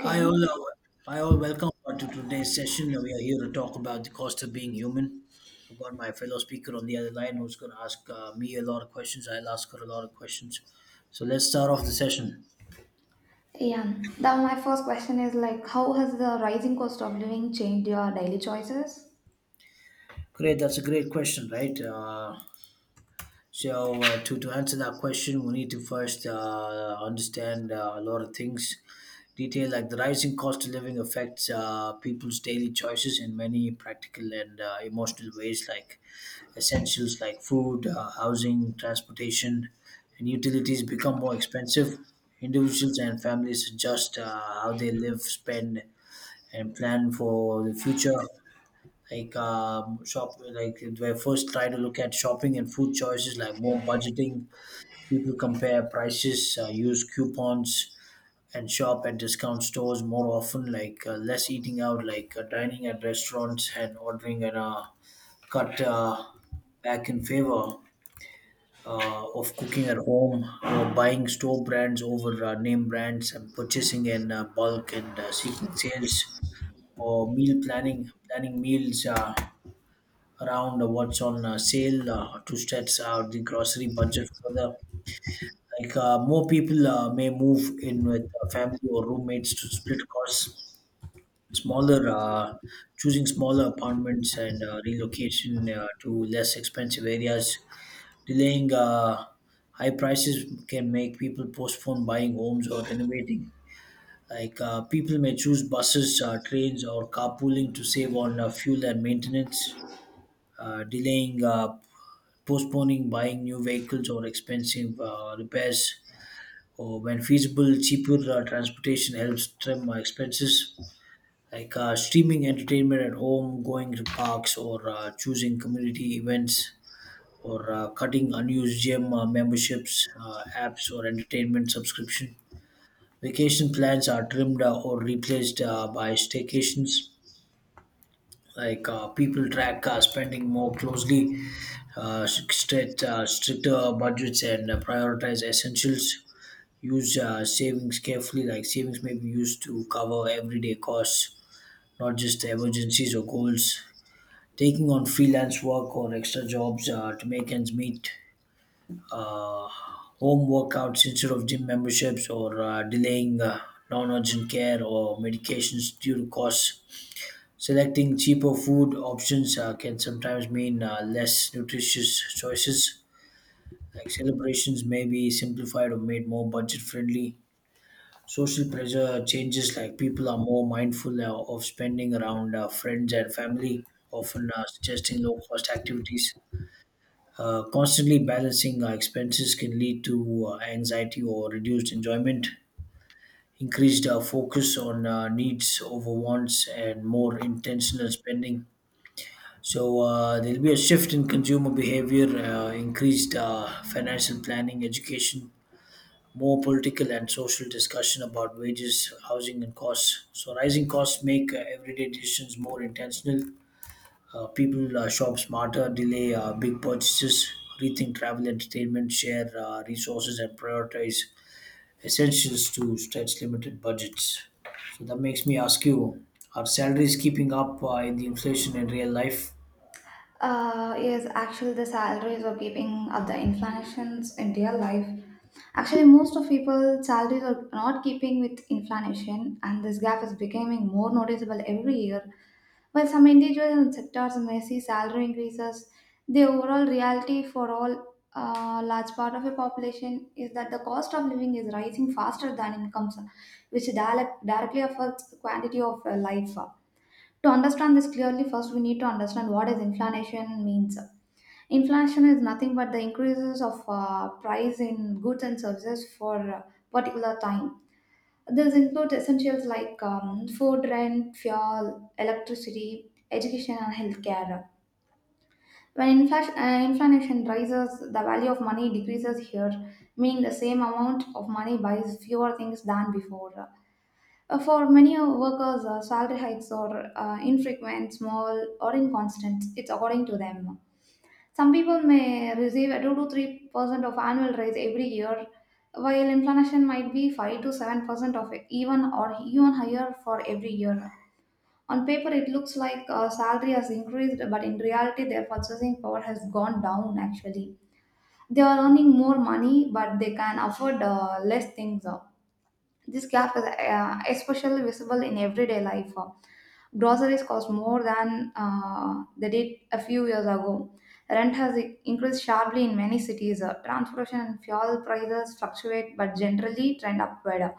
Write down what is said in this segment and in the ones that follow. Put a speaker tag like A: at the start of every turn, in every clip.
A: Hi all, uh, Hi all. Welcome to today's session. We are here to talk about the cost of being human. I've got my fellow speaker on the other line who's going to ask me a lot of questions. I'll ask her a lot of questions. So let's start off the session.
B: Yeah. Now my first question is like, how has the rising cost of living changed your daily choices?
A: Great, that's a great question, right? So to answer that question, we need to first understand a lot of things. Detail, like the rising cost of living affects people's daily choices in many practical and emotional ways, like essentials like food, housing, transportation, and utilities become more expensive. Individuals and families adjust how they live, spend, and plan for the future. Like they first try to look at shopping and food choices, like more budgeting. People compare prices, use coupons, and shop at discount stores more often. Like less eating out, like dining at restaurants and ordering at a cut back in favor of cooking at home, buying store brands over name brands, and purchasing in bulk and seeking sales or meal planning, meals around what's on sale to stretch out the grocery budget further. Like more people may move in with family or roommates to split costs. Smaller, uh, Choosing smaller apartments and relocation to less expensive areas. Delaying High prices can make people postpone buying homes or renovating. Like people may choose buses, trains, or carpooling to save on fuel and maintenance. Uh, delaying, uh, Postponing buying new vehicles or expensive repairs, or when feasible, cheaper transportation helps trim expenses. Like streaming entertainment at home, going to parks, or choosing community events or cutting unused gym memberships, apps, or entertainment subscription. Vacation plans are trimmed or replaced by staycations. Like people track spending more closely, stricter budgets, and prioritize essentials. Use savings carefully, like savings may be used to cover everyday costs, not just emergencies or goals. Taking on freelance work or extra jobs to make ends meet, uh, home workouts instead of gym memberships, or delaying non urgent care or medications due to costs. Selecting cheaper food options can sometimes mean less nutritious choices. Like celebrations may be simplified or made more budget friendly. Social pressure changes, like people are more mindful of spending around friends and family, often suggesting low cost activities. Constantly balancing our expenses can lead to anxiety or reduced enjoyment, increased focus on needs over wants, and more intentional spending. So there'll be a shift in consumer behavior, increased financial planning, education, more political and social discussion about wages, housing, and costs. So rising costs make everyday decisions more intentional. People shop smarter, delay big purchases, rethink travel, entertainment, share resources, and prioritize essentials to stretch limited budgets. So that makes me ask you: are salaries keeping up in the inflation in real life?
B: Yes, actually, the salaries are keeping up the inflations in real life. Actually, most of people salaries are not keeping with inflation, and this gap is becoming more noticeable every year. While some individuals and sectors may see salary increases, the overall reality for all large part of the population is that the cost of living is rising faster than incomes, which directly affects the quantity of life. To understand this clearly, first we need to understand what is inflation means. Inflation is nothing but the increases of price in goods and services for a particular time. This includes essentials like food, rent, fuel, electricity, education, and healthcare. When inflation rises, the value of money decreases here, meaning the same amount of money buys fewer things than before. For many workers, salary hikes are infrequent, small, or inconstant. It's according to them. Some people may receive a 2 to 3% of annual raise every year, while inflation might be 5 to 7% of even or even higher for every year. On paper, it looks like salary has increased, but in reality, their purchasing power has gone down actually. They are earning more money, but they can afford less things. This gap is especially visible in everyday life. Groceries cost more than they did a few years ago. Rent has increased sharply in many cities. Transportation and fuel prices fluctuate but generally trend upward.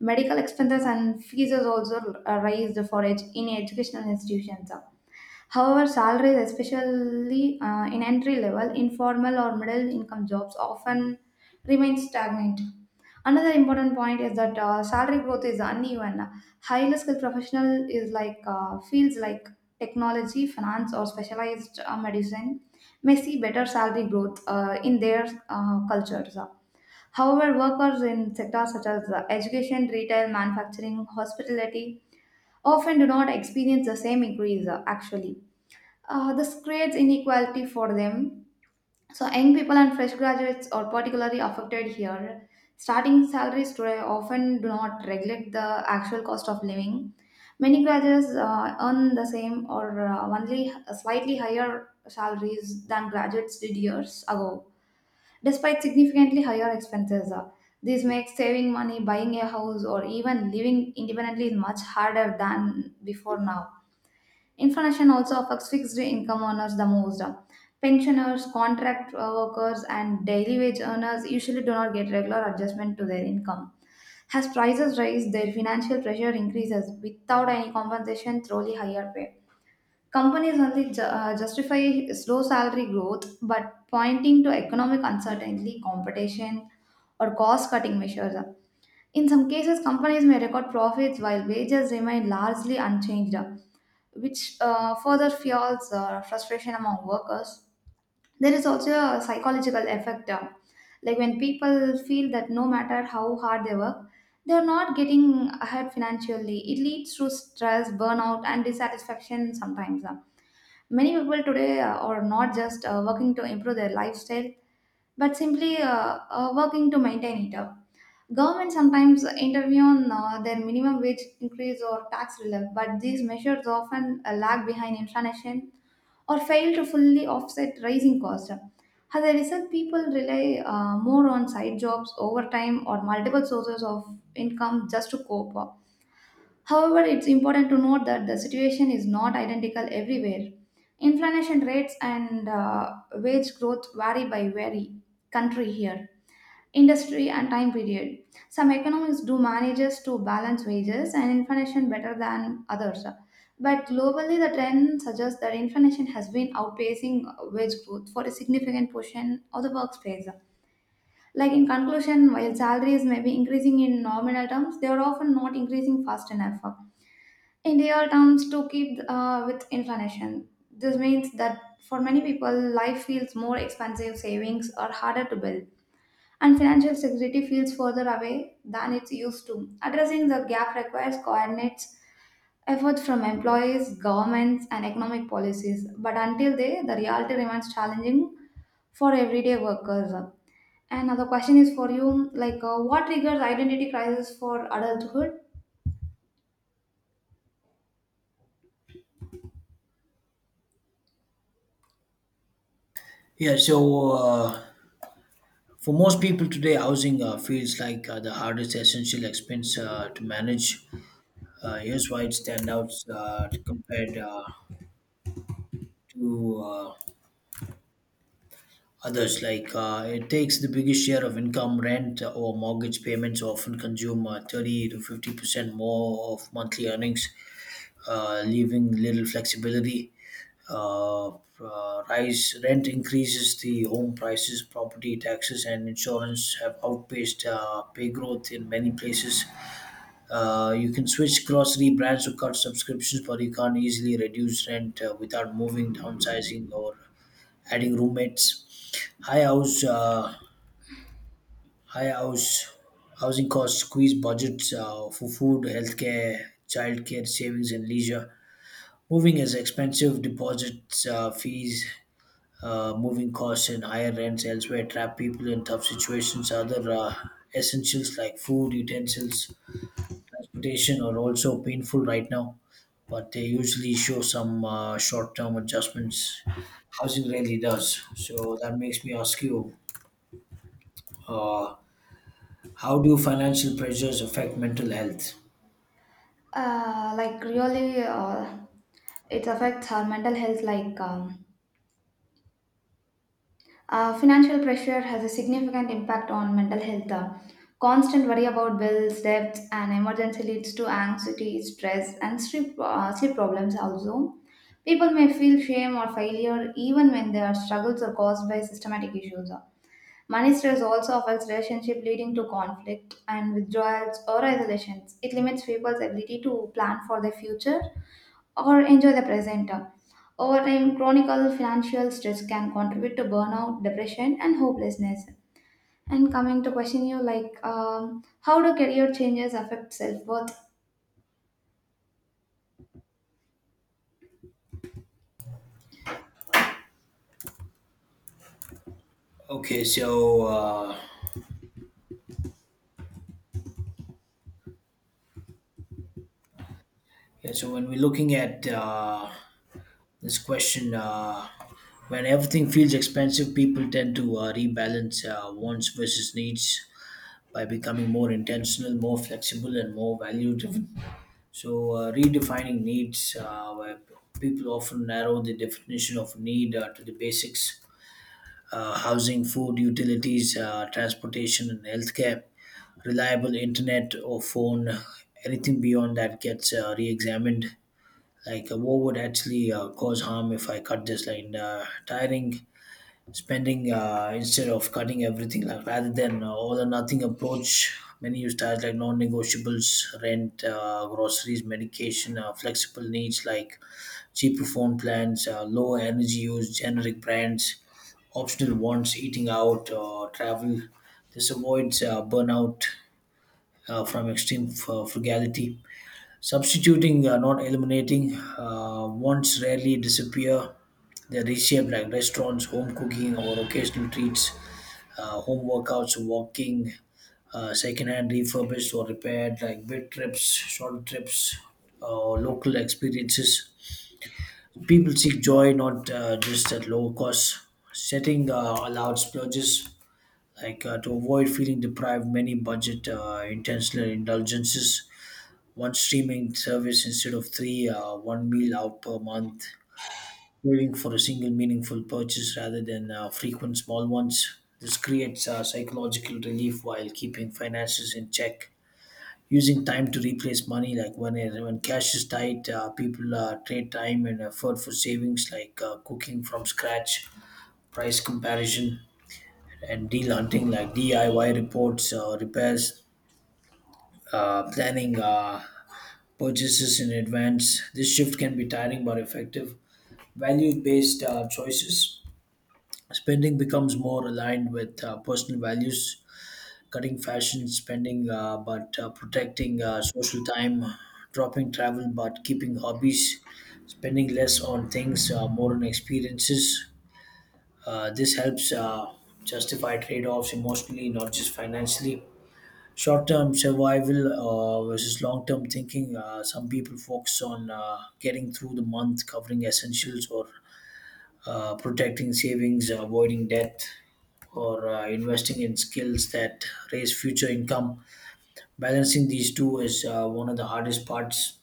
B: Medical expenses and fees is also raised for in educational institutions. However, salaries, especially in entry level, informal or middle income jobs, often remain stagnant. Another important point is that salary growth is uneven. Highly skilled professional is like fields like technology, finance, or specialized medicine may see better salary growth in their cultures. However, workers in sectors such as education, retail, manufacturing, hospitality often do not experience the same increase. Actually, this creates inequality for them so young people and fresh graduates are particularly affected here. Starting salaries today often do not regulate the actual cost of living. Many graduates earn the same or only slightly higher salaries than graduates did years ago, despite significantly higher expenses. This makes saving money, buying a house, or even living independently much harder than before now. Inflation also affects fixed income earners the most. Pensioners, contract workers, and daily wage earners usually do not get regular adjustment to their income. As prices rise, their financial pressure increases without any compensation through higher pay. Companies only justify slow salary growth but pointing to economic uncertainty, competition, or cost cutting measures. In some cases, companies may record profits while wages remain largely unchanged which further fuels frustration among workers. There is also a psychological effect, like when people feel that no matter how hard they work, they are not getting ahead financially. It leads to stress, burnout, and dissatisfaction sometimes. Many people today are not just working to improve their lifestyle, but simply working to maintain it. Government sometimes intervene on their minimum wage increase or tax relief, but these measures often lag behind inflation or fail to fully offset rising costs. As a result, people rely more on side jobs, overtime, or multiple sources of income just to cope. However, it's important to note that the situation is not identical everywhere. Inflation rates and wage growth vary by very country here industry and time period. Some economists do manages to balance wages and inflation better than others. But globally, the trend suggests that inflation has been outpacing wage growth for a significant portion of the workspace. Like in conclusion, while salaries may be increasing in nominal terms, they are often not increasing fast enough in real terms to keep with inflation. This means that for many people, life feels more expensive, savings are harder to build and financial security feels further away than it's used to. Addressing the gap requires coordinated effort from employees, governments, and economic policies. But until then, the reality remains challenging for everyday workers. And another question is for you, like, what triggers identity crisis for adulthood?
A: Yeah, so for most people today, housing feels like the hardest essential expense to manage. Here's why it stands out compared to others, like it takes the biggest share of income, rent, or mortgage payments, often consume 30 to 50% more of monthly earnings, leaving little flexibility. Uh, rise Rent increases, the home prices, property taxes, and insurance have outpaced pay growth in many places. You can switch grocery brands or cut subscriptions, but you can't easily reduce rent without moving, downsizing, or adding roommates. High house housing costs squeeze budgets for food, healthcare, childcare, savings, and leisure. Moving is expensive. Deposits, fees, moving costs, and higher rents elsewhere trap people in tough situations. Other essentials like food, utensils, transportation are also painful right now, but they usually show some short-term adjustments. Housing really does. So that makes me ask you: uh, how do financial pressures affect mental health?
B: Like, really, it affects our mental health, like. Financial pressure has a significant impact on mental health. Constant worry about bills, debts, and emergency leads to anxiety, stress, and sleep problems also. People may feel shame or failure even when their struggles are caused by systematic issues. Money stress also affects relationship leading to conflict and withdrawals or isolations. It limits people's ability to plan for their future or enjoy the present. Over time, chronic financial stress can contribute to burnout, depression, and hopelessness. And coming to question you, like, how do career changes affect self worth?
A: Okay, so yeah, so when we're looking at this question, when everything feels expensive, people tend to rebalance wants versus needs by becoming more intentional, more flexible, and more value driven. So, redefining needs, where people often narrow the definition of need to the basics, housing, food, utilities, transportation, and healthcare, reliable internet or phone. Anything beyond that gets re-examined. Like what would actually cause harm if I cut this line? Tiring spending instead of cutting everything, like rather than all or nothing approach. Many use ties like non-negotiables, rent, groceries, medication, flexible needs like cheaper phone plans, low energy use, generic brands, optional wants, eating out, travel. This avoids burnout from extreme frugality. Substituting, not eliminating, wants rarely disappear. They're reshaped, like restaurants, home cooking, or occasional treats, home workouts, walking, secondhand refurbished or repaired, like big trips, short trips, local experiences. People seek joy not just at low cost. Setting allowed splurges, like to avoid feeling deprived, many budget intentional indulgences, one streaming service instead of three, one meal out per month, waiting for a single meaningful purchase rather than frequent small ones. This creates psychological relief while keeping finances in check. Using time to replace money, like when cash is tight, people trade time and effort for savings, like cooking from scratch, price comparison, and deal hunting, like DIY reports, repairs, planning, purchases in advance. This shift can be tiring but effective. Value based choices. Spending becomes more aligned with personal values, cutting fashion spending but protecting social time, dropping travel but keeping hobbies, spending less on things, more on experiences. This helps justify trade offs emotionally, not just financially, short-term survival versus long-term thinking. Some people focus on getting through the month, covering essentials, or protecting savings, avoiding debt, or investing in skills that raise future income. Balancing these two is one of the hardest parts.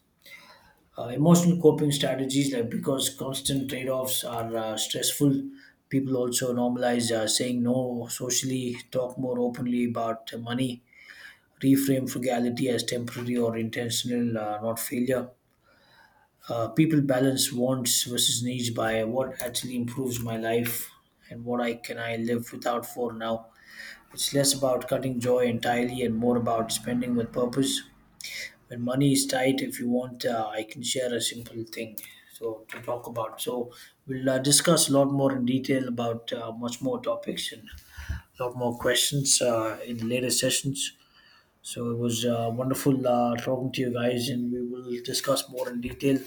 A: Emotional coping strategies, like because constant trade-offs are stressful. People also normalize saying no socially, talk more openly about money, reframe frugality as temporary or intentional, not failure. People balance wants versus needs by what actually improves my life and what I can I live without for now. It's less about cutting joy entirely and more about spending with purpose. When money is tight, if you want, I can share a simple thing. So to talk about, so we'll discuss a lot more in detail about much more topics and a lot more questions in the later sessions. So it was wonderful talking to you guys, and we will discuss more in detail.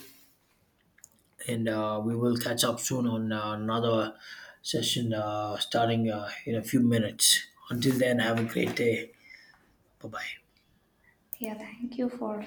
A: And we will catch up soon on another session starting in a few minutes. Until then, have a great day. Bye bye.
B: Yeah, thank you for